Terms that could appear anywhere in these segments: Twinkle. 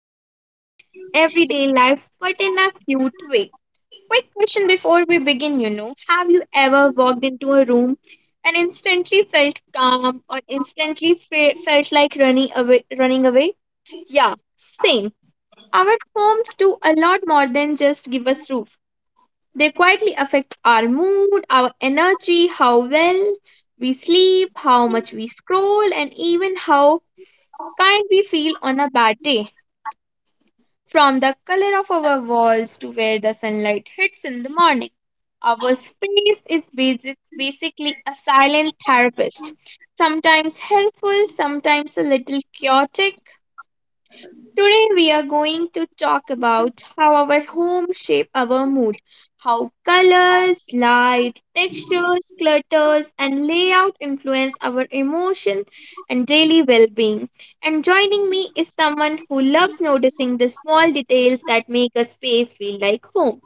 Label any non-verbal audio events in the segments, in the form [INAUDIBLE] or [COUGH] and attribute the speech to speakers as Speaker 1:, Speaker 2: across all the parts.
Speaker 1: overthink everyday life but in a cute way. Quick question before we begin have you ever walked into a room and instantly felt calm or instantly felt like running away? Running away? Yeah, same. Our homes do a lot more than just give us roof, they quietly affect our mood, our energy, how well we sleep, how much we scroll, and even how kind we feel on a bad day. From the color of our walls to where the sunlight hits in the morning, our space is basically a silent therapist. Sometimes helpful, sometimes a little chaotic. Today we are going to talk about how our home shape our mood, how colors, light, textures, clutters and layout influence our emotion and daily well-being. And joining me is someone who loves noticing the small details that make a space feel like home.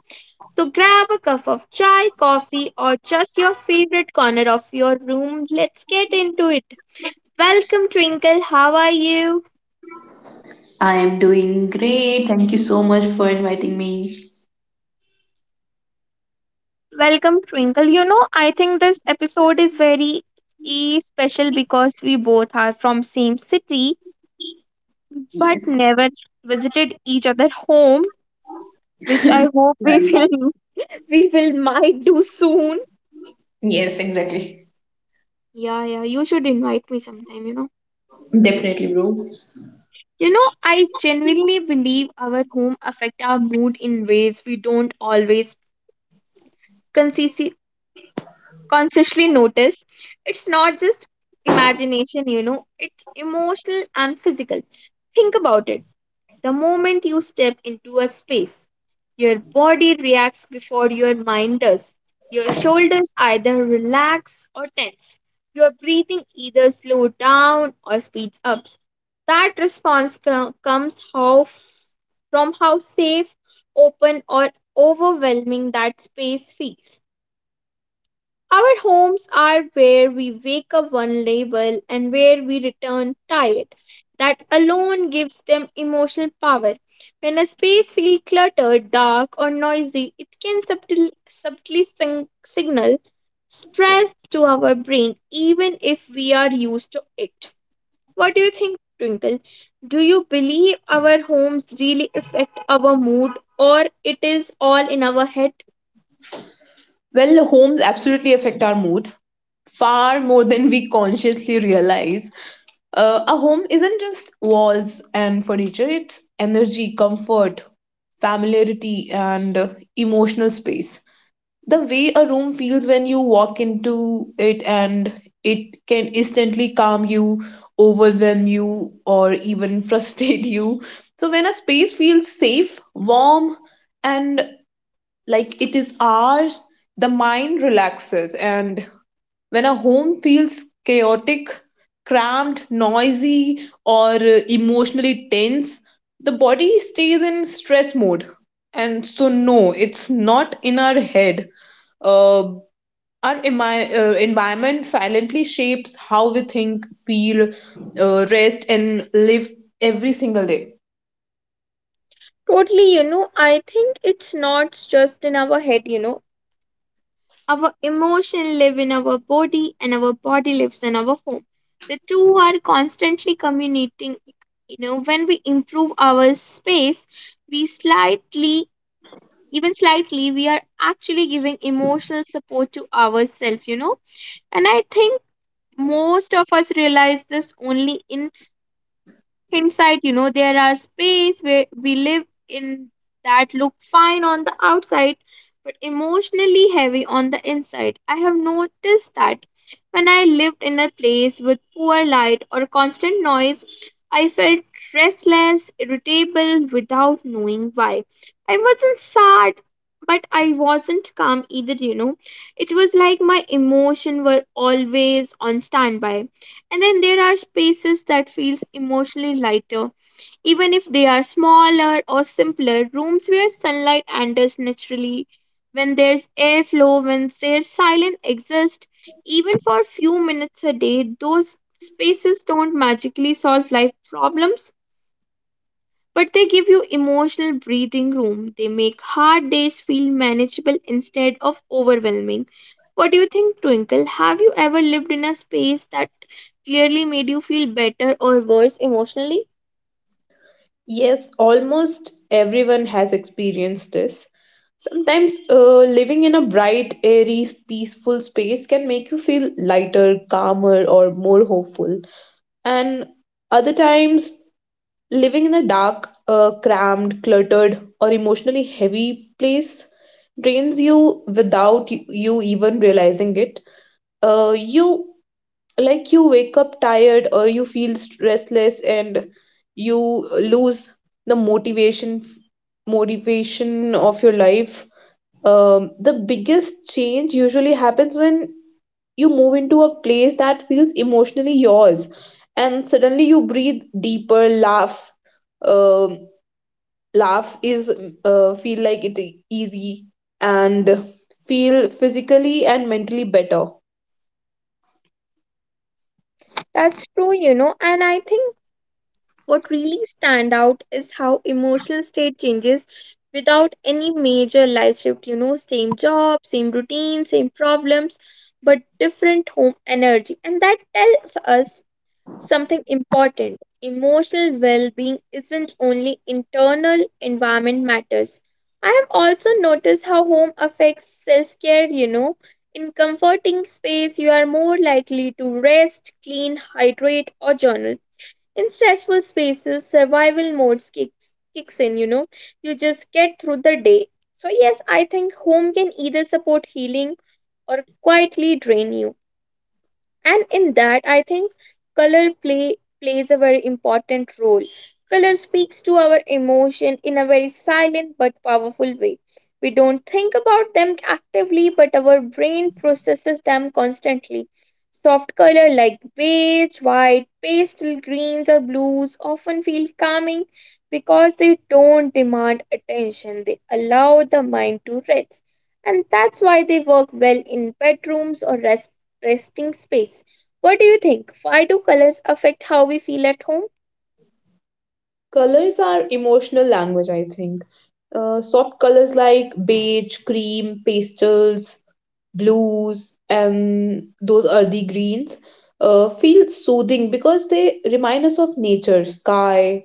Speaker 1: So grab a cup of chai, coffee, or just your favorite corner of your room. Let's get into it. Welcome, Twinkle. How are you?
Speaker 2: I am doing great. Thank you so much for inviting me.
Speaker 1: Welcome, Twinkle. You know, I think this episode is very special because we both are from same city
Speaker 2: Yes,
Speaker 1: but never visited each other home, which I hope we
Speaker 2: I-
Speaker 1: will [LAUGHS] we will might do soon.
Speaker 2: yes, exactly.
Speaker 1: Yeah, yeah, you should invite me sometime, you know.
Speaker 2: Definitely, bro.
Speaker 1: You know, I genuinely believe our home affect our mood in ways we don't always consciously notice. It's not just imagination, you know, it's emotional and physical. Think about it. The moment you step into a space, your body reacts before your mind does. Your shoulders either relax or tense, your breathing either slow down or speeds up. That comes from how safe, open or overwhelming that space feels. Our homes are where we wake up vulnerable and where we return tired. That alone gives them emotional power. When a space feels cluttered, dark, or noisy, it can subtly signal stress to our brain, even if we are used to it. What do you think, Twinkle? Do you believe our homes really affect our mood, or it is all in our head?
Speaker 2: Well, homes absolutely affect our mood far more than we consciously realize. A home isn't just walls and furniture, it's energy, comfort, familiarity, and emotional space. The way a room feels when you walk into it, and it can instantly calm you, overwhelm you, or even [LAUGHS] frustrate you. So when a space feels safe, warm, and like it is ours, the mind relaxes. And when a home feels chaotic, cramped, noisy, or emotionally tense, the body stays in stress mode. And so, no, it's not in our head. Uh, our emi- uh, environment silently shapes how we think, feel, rest, and live every single day.
Speaker 1: Totally, you know, I think it's not just in our head, you know. Our emotion live in our body and our body lives in our home. The two are constantly communicating, you know, when we improve our space, we slightly, even slightly, we are actually giving emotional support to ourselves, you know. And I think most of us realize this only in inside, you know, there are space where we live in that look fine on the outside, but emotionally heavy on the inside. I have noticed that when I lived in a place with poor light or constant noise, I felt restless, irritable without knowing why. I wasn't sad, but I wasn't calm either, you know. It was like my emotion were always on standby. And then there are spaces that feels emotionally lighter, even if they are smaller or simpler, rooms where sunlight enters naturally, when there's airflow, when there's silent exist, even for a few minutes a day. Those spaces don't magically solve life problems, but they give you emotional breathing room. They make hard days feel manageable instead of overwhelming. What do you think, Twinkle? Have you ever lived in a space that clearly made you feel better or worse emotionally?
Speaker 2: Yes, almost everyone has experienced this. Sometimes living in a bright, airy, peaceful space can make you feel lighter, calmer, or more hopeful. And other times, living in a dark, cramped, cluttered, or emotionally heavy place drains you without you even realizing it. You, like, you wake up tired, or you feel restless, and you lose the motivation, motivation of your life. Um, the biggest change usually happens when you move into a place that feels emotionally yours, and suddenly you breathe deeper, laugh. Um, laugh is uh, feel like it's easy, and feel physically and mentally better.
Speaker 1: That's true, you know, and I think what really stand out is how emotional state changes without any major life shift, you know, same job, same routine, same problems, but different home energy. And that tells us something important. Emotional well being isn't only internal, environment matters. I have also noticed how home affects self care, you know. In comforting space, you are more likely to rest, clean, hydrate, or journal. In stressful spaces, survival modes kicks in, you know. You just get through the day. So, yes, I think home can either support healing or quietly drain you. And in that, I think color plays a very important role. Color speaks to our emotion in a very silent but powerful way. We don't think about them actively, but our brain processes them constantly. Soft color like beige, white, pastel greens or blues often feel calming because they don't demand attention, they allow the mind to rest. And that's why they work well in bedrooms or resting space. What do you think? Why do colors affect how we feel at home?
Speaker 2: Colors are emotional language, I think. Soft colors like beige, cream, pastels, blues, and those earthy greens feel soothing because they remind us of nature, sky,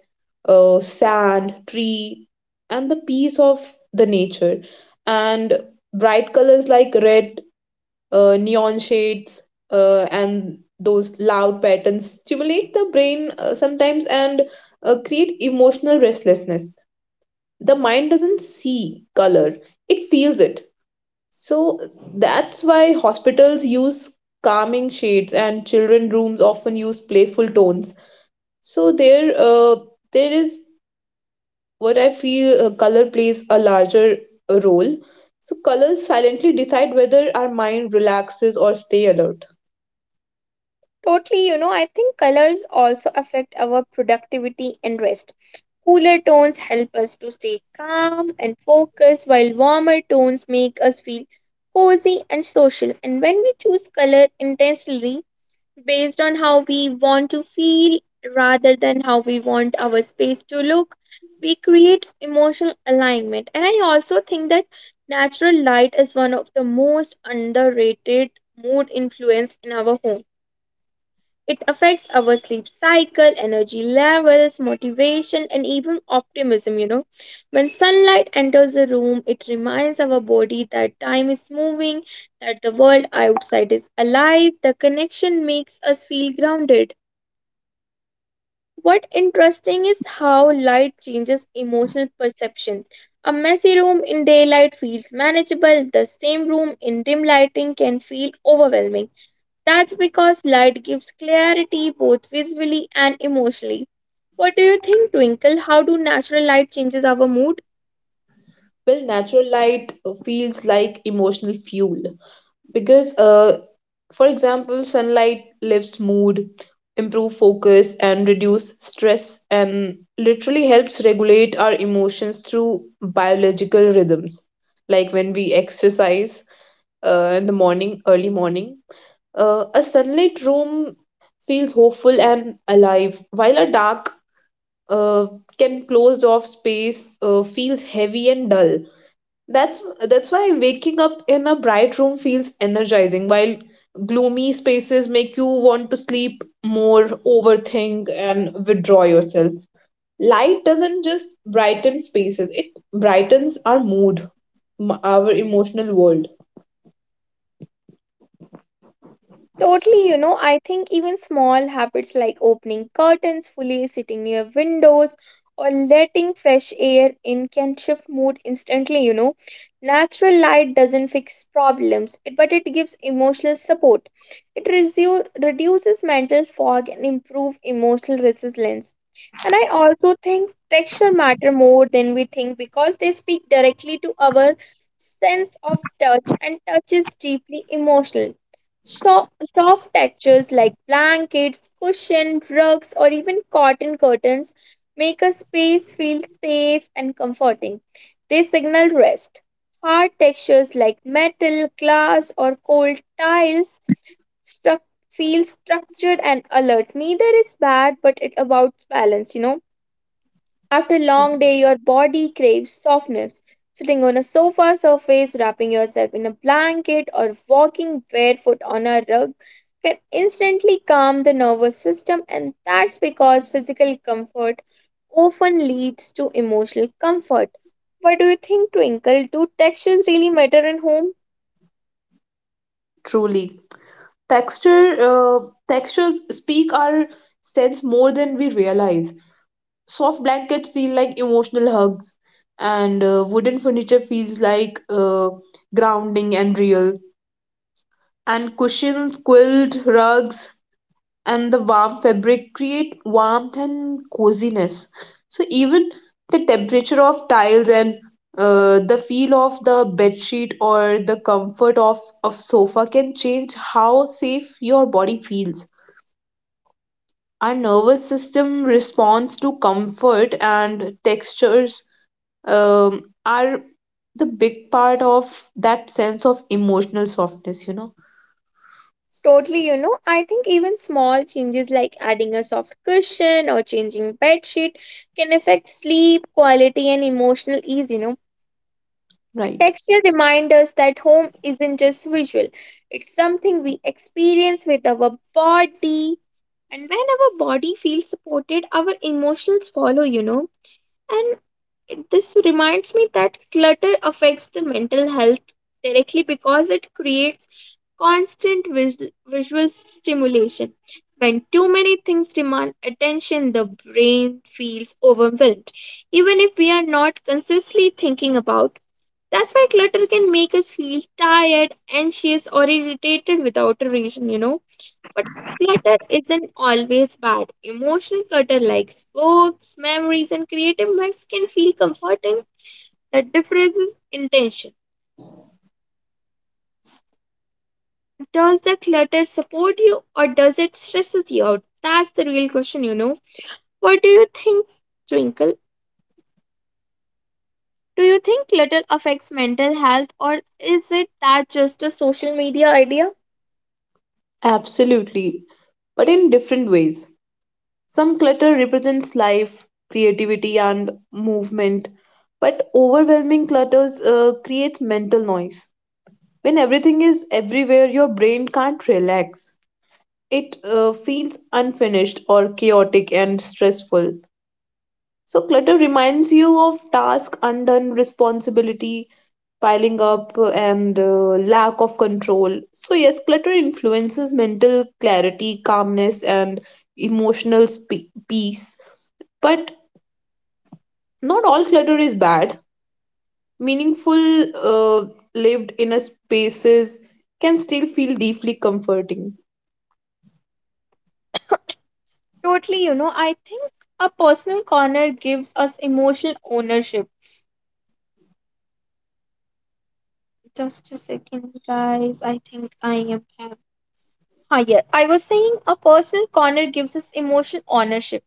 Speaker 2: sand, tree, and the peace of the nature. And bright colors like red, neon shades, and those loud patterns stimulate the brain sometimes, and create emotional restlessness. The mind doesn't see color, it feels it. So that's why hospitals use calming shades, and children rooms often use playful tones. So there uh, there is what I feel. Color plays a larger role. So colors silently decide whether our mind relaxes or stay alert.
Speaker 1: Totally, you know, I think colors also affect our productivity and rest. Cooler tones help us to stay calm and focused, while warmer tones make us feel cozy and social. And when we choose color intentionally, based on how we want to feel rather than how we want our space to look. We create emotional alignment. And I also think that natural light is one of the most underrated mood influence in our home. It affects our sleep cycle, energy levels, motivation, and even optimism. You know, when sunlight enters a room, it reminds our body that time is moving, that the world outside is alive. The connection makes us feel grounded. What interesting is how light changes emotional perception. A messy room in daylight feels manageable, the same room in dim lighting can feel overwhelming. That's because light gives clarity both visually and emotionally. What do you think, Twinkle? How do natural light changes our mood?
Speaker 2: Well, natural light feels like emotional fuel, because for example, sunlight lifts mood, improve focus, and reduce stress, and literally helps regulate our emotions through biological rhythms. Like when we exercise in the morning, early morning, a sunlit room feels hopeful and alive, while a dark, uh, can closed off space feels heavy and dull. That's that's why waking up in a bright room feels energizing, while gloomy spaces make you want to sleep more, overthink, and withdraw yourself. Light doesn't just brighten spaces, it brightens our mood, our emotional world.
Speaker 1: Totally, you know, I think even small habits like opening curtains fully, sitting near windows, or letting fresh air in can shift mood instantly, you know. Natural light doesn't fix problems, it- but it gives emotional support. It reduces mental fog and improve emotional resilience. And I also think texture matter more than we think because they speak directly to our sense of touch, and touch is deeply emotional. Soft textures like blankets, cushion, rugs, or even cotton curtains make a space feel safe and comforting. They signal rest. Hard textures like metal, glass, or cold tiles feel structured and alert. Neither is bad, but it about balance, you know. After a long day, your body craves softness. Sitting on a sofa surface, wrapping yourself in a blanket, or walking barefoot on a rug can instantly calm the nervous system, and that's because physical comfort often leads to emotional comfort. What do you think, Twinkle? Do textures really matter in home?
Speaker 2: Truly. Texture uh, textures speak our sense more than we realize. Soft blankets feel like emotional hugs, and wooden furniture feels like grounding and real. And cushions, quilt, rugs, and the warm fabric create warmth and coziness. So even the temperature of tiles, and the feel of the bedsheet, or the comfort of sofa can change how safe your body feels. Our nervous system responds to comfort, and textures are the big part of that sense of emotional softness, you know?
Speaker 1: Totally, you know, I think even small changes like adding a soft cushion or changing bed sheet can affect sleep quality and emotional ease, you know.
Speaker 2: Right.
Speaker 1: Texture reminds us that home isn't just visual, it's something we experience with our body. And when our body feels supported, our emotions follow, you know. And it- this reminds me that clutter affects the mental health directly because it creates constant visual stimulation. When too many things demand attention, the brain feels overwhelmed, even if we are not consciously thinking about that's why clutter can make us feel tired, anxious, or irritated without a reason, you know. But clutter isn't always bad. Emotional clutter, like books, memories, and creative mess, can feel comforting. The difference is intention. Does the clutter support you or does it stresses you out? That's the real question, you know. What do you think, Twinkle? Do you think clutter affects mental health or is it that just a social media idea?
Speaker 2: Absolutely. But in different ways. Some clutter represents life, creativity, and movement, but overwhelming clutters creates mental noise. When everything is everywhere, your brain can't relax. It feels unfinished or chaotic and stressful. So clutter reminds you of task undone, responsibility piling up, and lack of control. So yes, clutter influences mental clarity, calmness, and emotional peace. But not all clutter is bad. Meaningful uh, lived inner spaces can still feel deeply comforting.
Speaker 1: Totally, you know, I think a personal corner gives us emotional ownership. Just a second, guys. I think I am. Have- Ah, yeah. I was saying a personal corner gives us emotional ownership.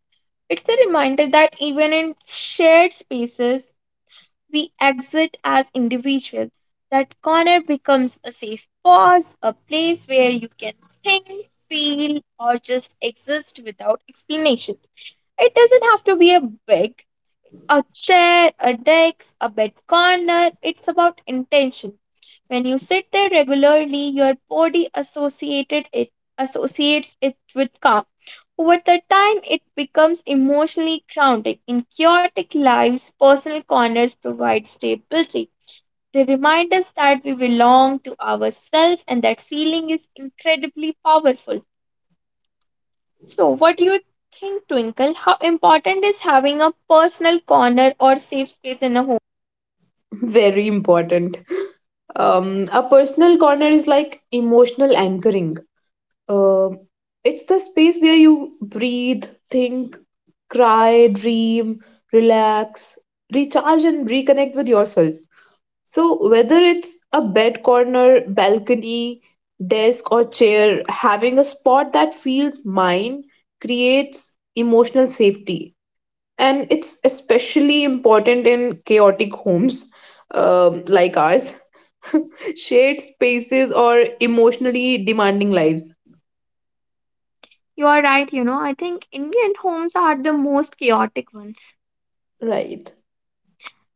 Speaker 1: It's a reminder that even in shared spaces, we exit as individuals. That corner becomes a safe pause, a place where you can think, feel, or just exist without explanation. It doesn't have to be a big, a chair, a desk, a bed corner. It's about intention. When you sit there regularly, your body associated it associates it with calm. Over the time, it becomes emotionally grounding. In chaotic lives, personal corners provide stability. They remind us that we belong to ourselves, and that feeling is incredibly powerful. So, what do you think, Twinkle? How important is having a personal corner or safe space in a home?
Speaker 2: [LAUGHS] Very important. A personal corner is like emotional anchoring. Um, it's the space where you breathe, think, cry, dream, relax, recharge, and reconnect with yourself. So, whether it's a bed corner, balcony, desk, or chair, having a spot that feels mine creates emotional safety. And it's especially important in chaotic homes, like ours, [LAUGHS] shared spaces, or emotionally demanding lives.
Speaker 1: You are right, you know. I think Indian homes are the most chaotic ones.
Speaker 2: Right.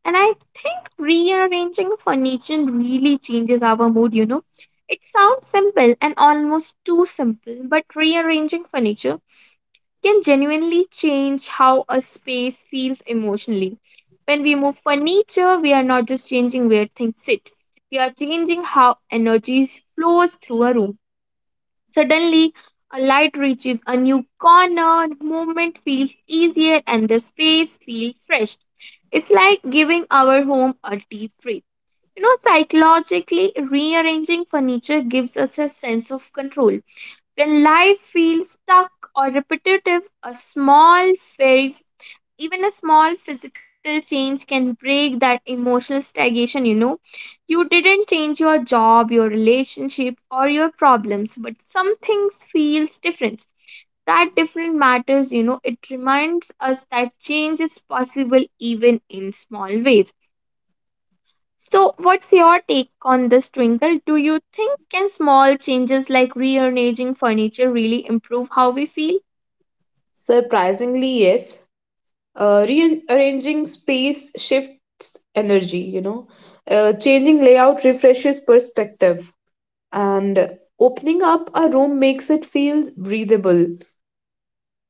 Speaker 1: And I think rearranging furniture really changes our mood, you know. It sounds simple and almost too simple, but rearranging furniture can genuinely change how a space feels emotionally. When we move furniture, we are not just changing where things sit, we are changing how energy flows through a room. Suddenly, a light reaches a new corner, movement feels easier, and the space feels fresh. It's like giving our home a deep breath. You know, psychologically, rearranging furniture gives us a sense of control. When life feels stuck or repetitive, a small, very even a small physical change can break that emotional stagnation. You know, you didn't change your job, your relationship, or your problems, but some things feels different. That different matters, you know, it reminds us that change is possible even in small ways. So what's your take on this, Twinkle? Do you think can small changes like rearranging furniture really improve how we feel?
Speaker 2: Surprisingly, yes. Rearranging space shifts energy, you know. Changing layout refreshes perspective, and opening up a room makes it feel breathable.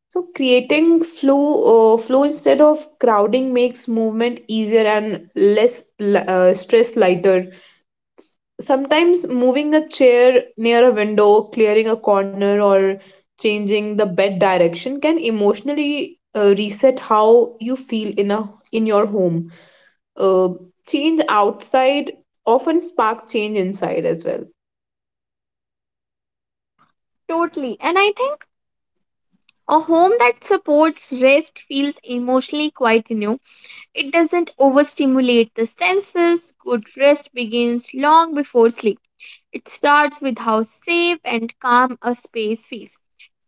Speaker 2: So creating flow, flow instead of crowding makes movement easier and stress lighter. Sometimes moving a chair near a window, clearing a corner, or changing the bed direction can emotionally reset how you feel in a in your home. Uh, Change outside often spark change inside as well.
Speaker 1: Totally, and I think a home that supports rest feels emotionally quite new. It doesn't overstimulate the senses. Good rest begins long before sleep. It starts with how safe and calm a space feels.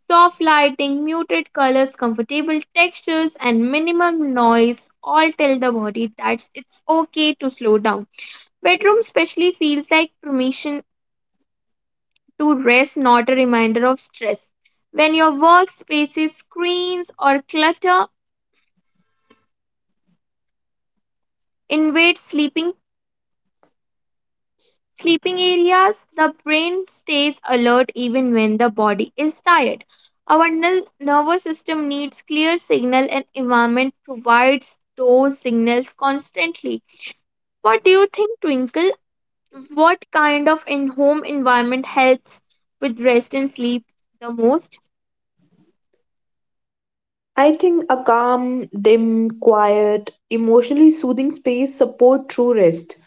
Speaker 1: Soft lighting, muted colors, comfortable textures, and minimum noise all tell the body that it's okay to slow down. Bedroom especially feels like permission to rest, not a reminder of stress. When your workspace is screens or clutter, invade sleeping areas, the brain stays alert even when the body is tired. Our nervous system needs clear signal and environment provides those signals constantly. What do you think, Twinkle? What kind of in home environment helps with rest and sleep the most?
Speaker 2: I think a calm, dim, quiet, emotionally soothing space support true rest.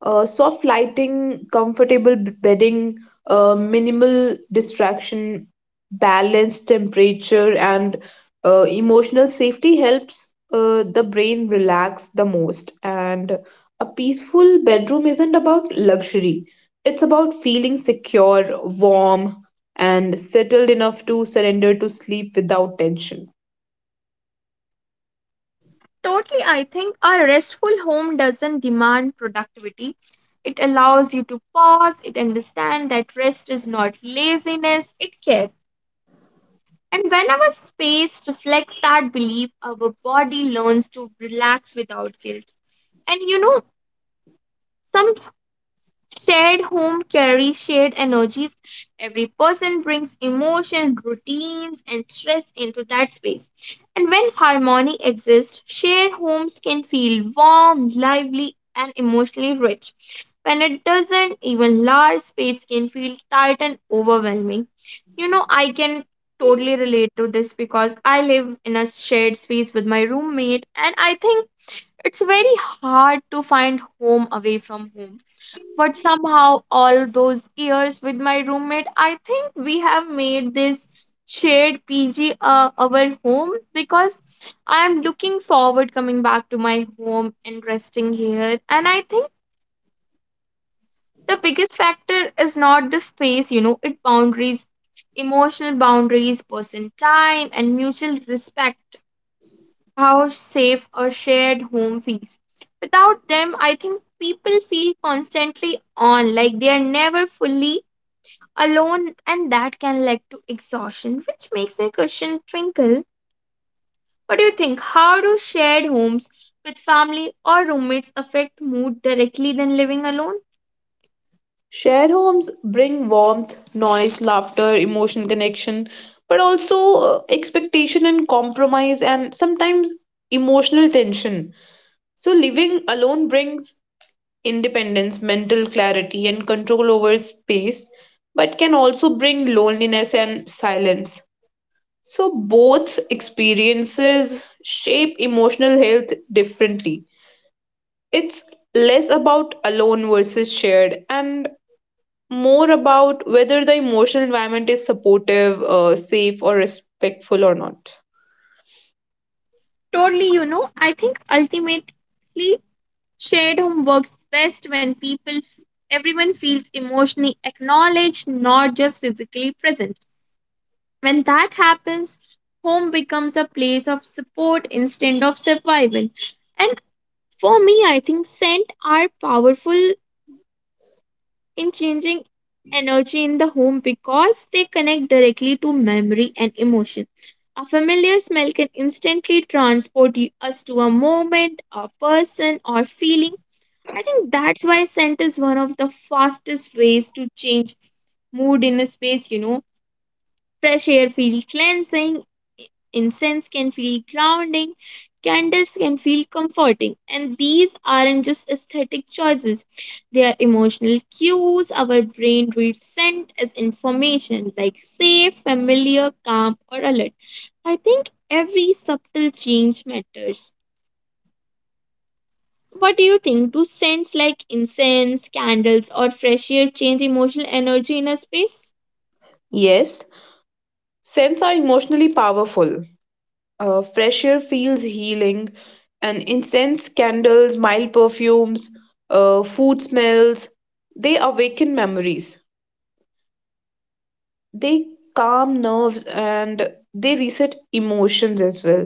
Speaker 2: Soft lighting, comfortable bedding, minimal distraction, balanced temperature, and emotional safety helps the brain relax the most. And a peaceful bedroom isn't about luxury, it's about feeling secure, warm, and settled enough to surrender to sleep without tension.
Speaker 1: Totally, I think a restful home doesn't demand productivity. It allows you to pause, it understands that rest is not laziness, it cares. And when our space reflects that belief, our body learns to relax without guilt. And you know, some shared home carries shared energies. Every person brings emotion, routines, and stress into that space. And when harmony exists, shared homes can feel warm, lively, and emotionally rich. When it doesn't, even large space can feel tight and overwhelming. You know, I can totally relate to this because I live in a shared space with my roommate, and I think it's very hard to find home away from home, but somehow, all those years with my roommate, I think we have made this shared PG our home, because I am looking forward coming back to my home and resting here. And I think the biggest factor is not the space, you know, it boundaries, emotional boundaries, person time, and mutual respect. How safe a shared home feels. Without them, I think people feel constantly on, like they are never fully alone, and that can lead to exhaustion, which makes my question, Twinkle, what do you think, how do shared homes with family or roommates affect mood directly than living alone?
Speaker 2: Shared homes bring warmth, noise, laughter, emotional connection, but also expectation and compromise, and sometimes emotional tension. So, living alone brings independence, mental clarity, and control over space, but can also bring loneliness and silence. So, both experiences shape emotional health differently. It's less about alone versus shared, and more about whether the emotional environment is supportive, safe, or respectful or not.
Speaker 1: Totally, you know, I think ultimately shared home works best when everyone feels emotionally acknowledged, not just physically present. When that happens, home becomes a place of support instead of survival. And for me, I think scent are powerful in changing energy in the home, because they connect directly to memory and emotion. A familiar smell can instantly transport us to a moment, a person, or feeling. I think that's why scent is one of the fastest ways to change mood in a space, you know. Fresh air feels cleansing. Incense can feel grounding, candles can feel comforting, and these aren't just aesthetic choices. They are emotional cues. Our brain reads scent as information like safe, familiar, calm, or alert. I think every subtle change matters. What do you think? Do scents like incense, candles, or fresh air change emotional energy in a space?
Speaker 2: Yes, scents are emotionally powerful. Fresh air feels healing, and incense, candles, mild perfumes, food smells, they awaken memories. They calm nerves, and they reset emotions as well.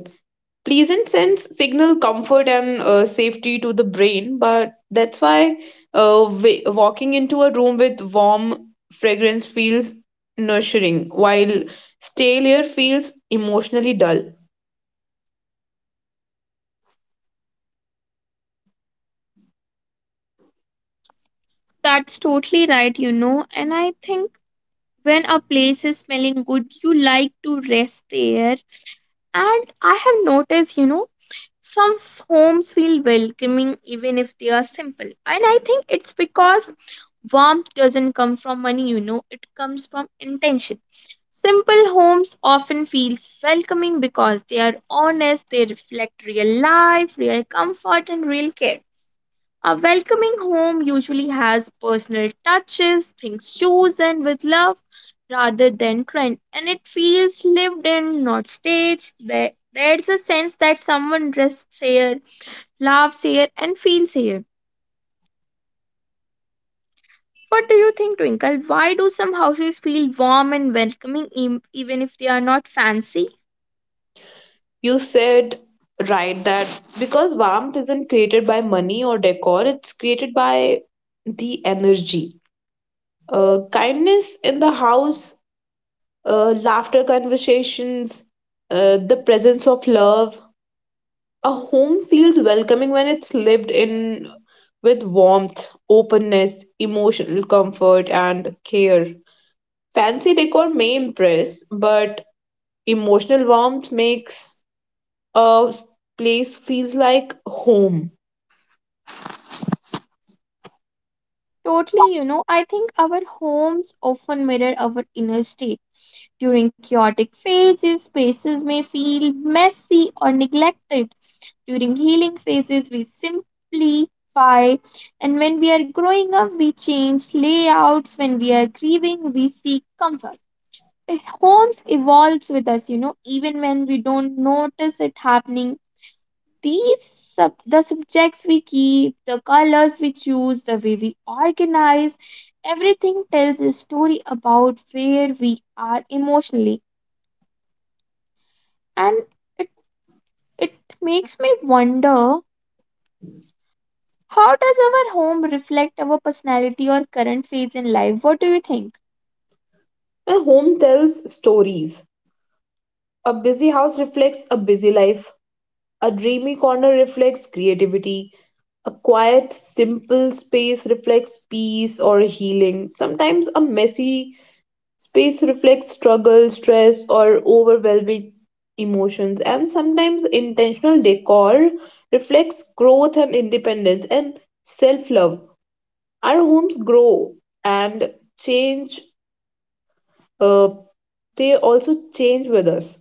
Speaker 2: Pleasant scents signal comfort and safety to the brain, but that's why walking into a room with warm fragrance feels nurturing, while stale air feels emotionally dull.
Speaker 1: That's totally right, you know, and I think when a place is smelling good, you like to rest there. And I have noticed, you know, some homes feel welcoming even if they are simple. And I think it's because warmth doesn't come from money, you know, it comes from intention. Simple homes often feels welcoming because they are honest, they reflect real life, real comfort and real care. A welcoming home usually has personal touches, things chosen with love rather than trend, and it feels lived in, not staged. There's a sense that someone rests here, laughs here, and feels here. What do you think, Twinkle? Why do some houses feel warm and welcoming, even if they are not fancy?
Speaker 2: You said right, that because warmth isn't created by money or decor, it's created by the energy, kindness in the house, laughter, conversations, the presence of love. A home feels welcoming when it's lived in with warmth, openness, emotional comfort, and care. Fancy decor may impress, but emotional warmth makes a place feels like home.
Speaker 1: Totally, you know, I think our homes often mirror our inner state. During chaotic phases, spaces may feel messy or neglected. During healing phases, we simplify. And when we are growing up, we change layouts. When we are grieving, we seek comfort. Homes evolves with us, you know, even when we don't notice it happening. The subjects we keep, the colors we choose, the way we organize, everything tells a story about where we are emotionally. And it it makes me wonder, how does our home reflect our personality or current phase in life? What do you think?
Speaker 2: And home tells stories. A busy house reflects a busy life. A dreamy corner reflects creativity. A quiet, simple space reflects peace or healing. Sometimes a messy space reflects struggle, stress, or overwhelming emotions, and sometimes intentional decor reflects growth and independence and self love. Our homes grow and change, uh, they also change with us.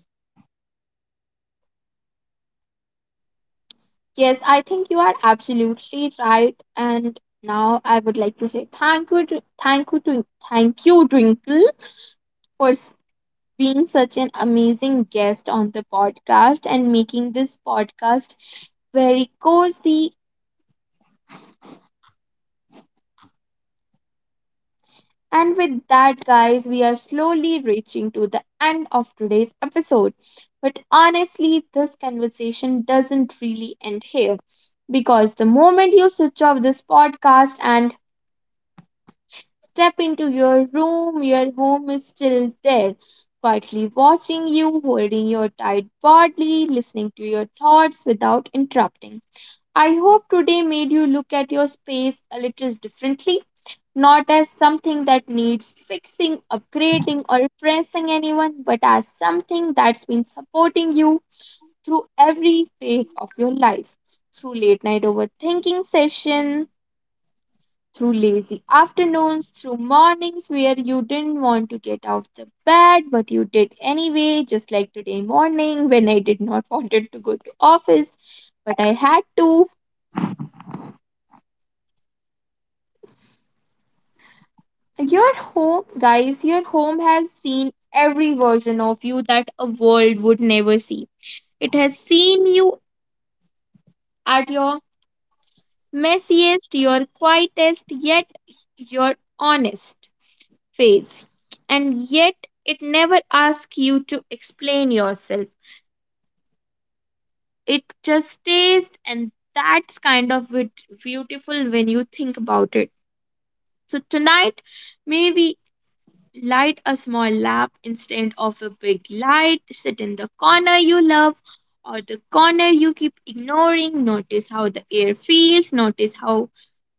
Speaker 1: Yes, I think you are absolutely right. And now I would like to say thank you, Twinkle, for being such an amazing guest on the podcast and making this podcast very cozy. And with that, guys, we are slowly reaching to the end of today's episode. But honestly, this conversation doesn't really end here, because the moment you switch off this podcast and step into your room, your home is still there, quietly watching you, holding your tight body, listening to your thoughts without interrupting. I hope today made you look at your space a little differently, not as something that needs fixing, upgrading, or impressing anyone, but as something that's been supporting you through every phase of your life. Through late night overthinking sessions, through lazy afternoons, through mornings where you didn't want to get out of the bed, but you did anyway, just like today morning when I did not [LAUGHS] wanted to go to office, but I had to. Your home, guys, your home has seen every version of you that a world would never see. It has seen you at your messiest, your quietest, yet your honest phase. And yet it never asks you to explain yourself. It just stays, and that's kind of beautiful when you think about it. So tonight, maybe light a small lamp instead of a big light. Sit in the corner you love or the corner you keep ignoring. Notice how the air feels. Notice how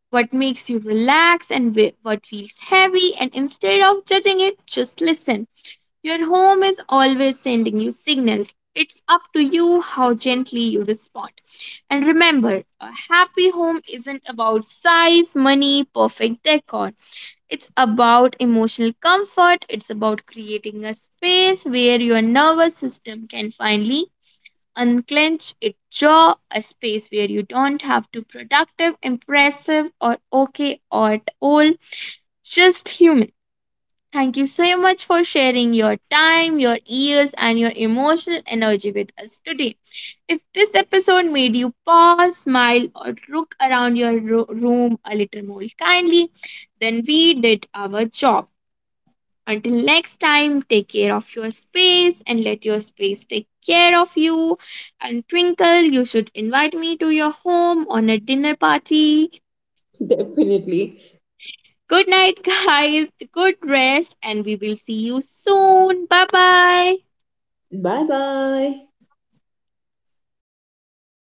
Speaker 1: what makes you relax and what feels heavy. And instead of judging it, just listen. Your home is always sending you signals. It's up to you how gently you respond. And remember, a happy home isn't about size, money, perfect decor. It's about emotional comfort, it's about creating a space where your nervous system can finally unclench its jaw, a space where you don't have to productive, impressive, or okay or at all, just human. Thank you so much for sharing your time, your ears, and your emotional energy with us today. If this episode made you pause, smile, or look around your room a little more kindly, then we did our job. Until next time, take care of your space and let your space take care of you. And Twinkle, you should invite me to your home on a dinner party.
Speaker 2: Definitely.
Speaker 1: Good night, [LAUGHS] guys. Good rest, and we will see you soon. Bye bye.
Speaker 2: Bye bye.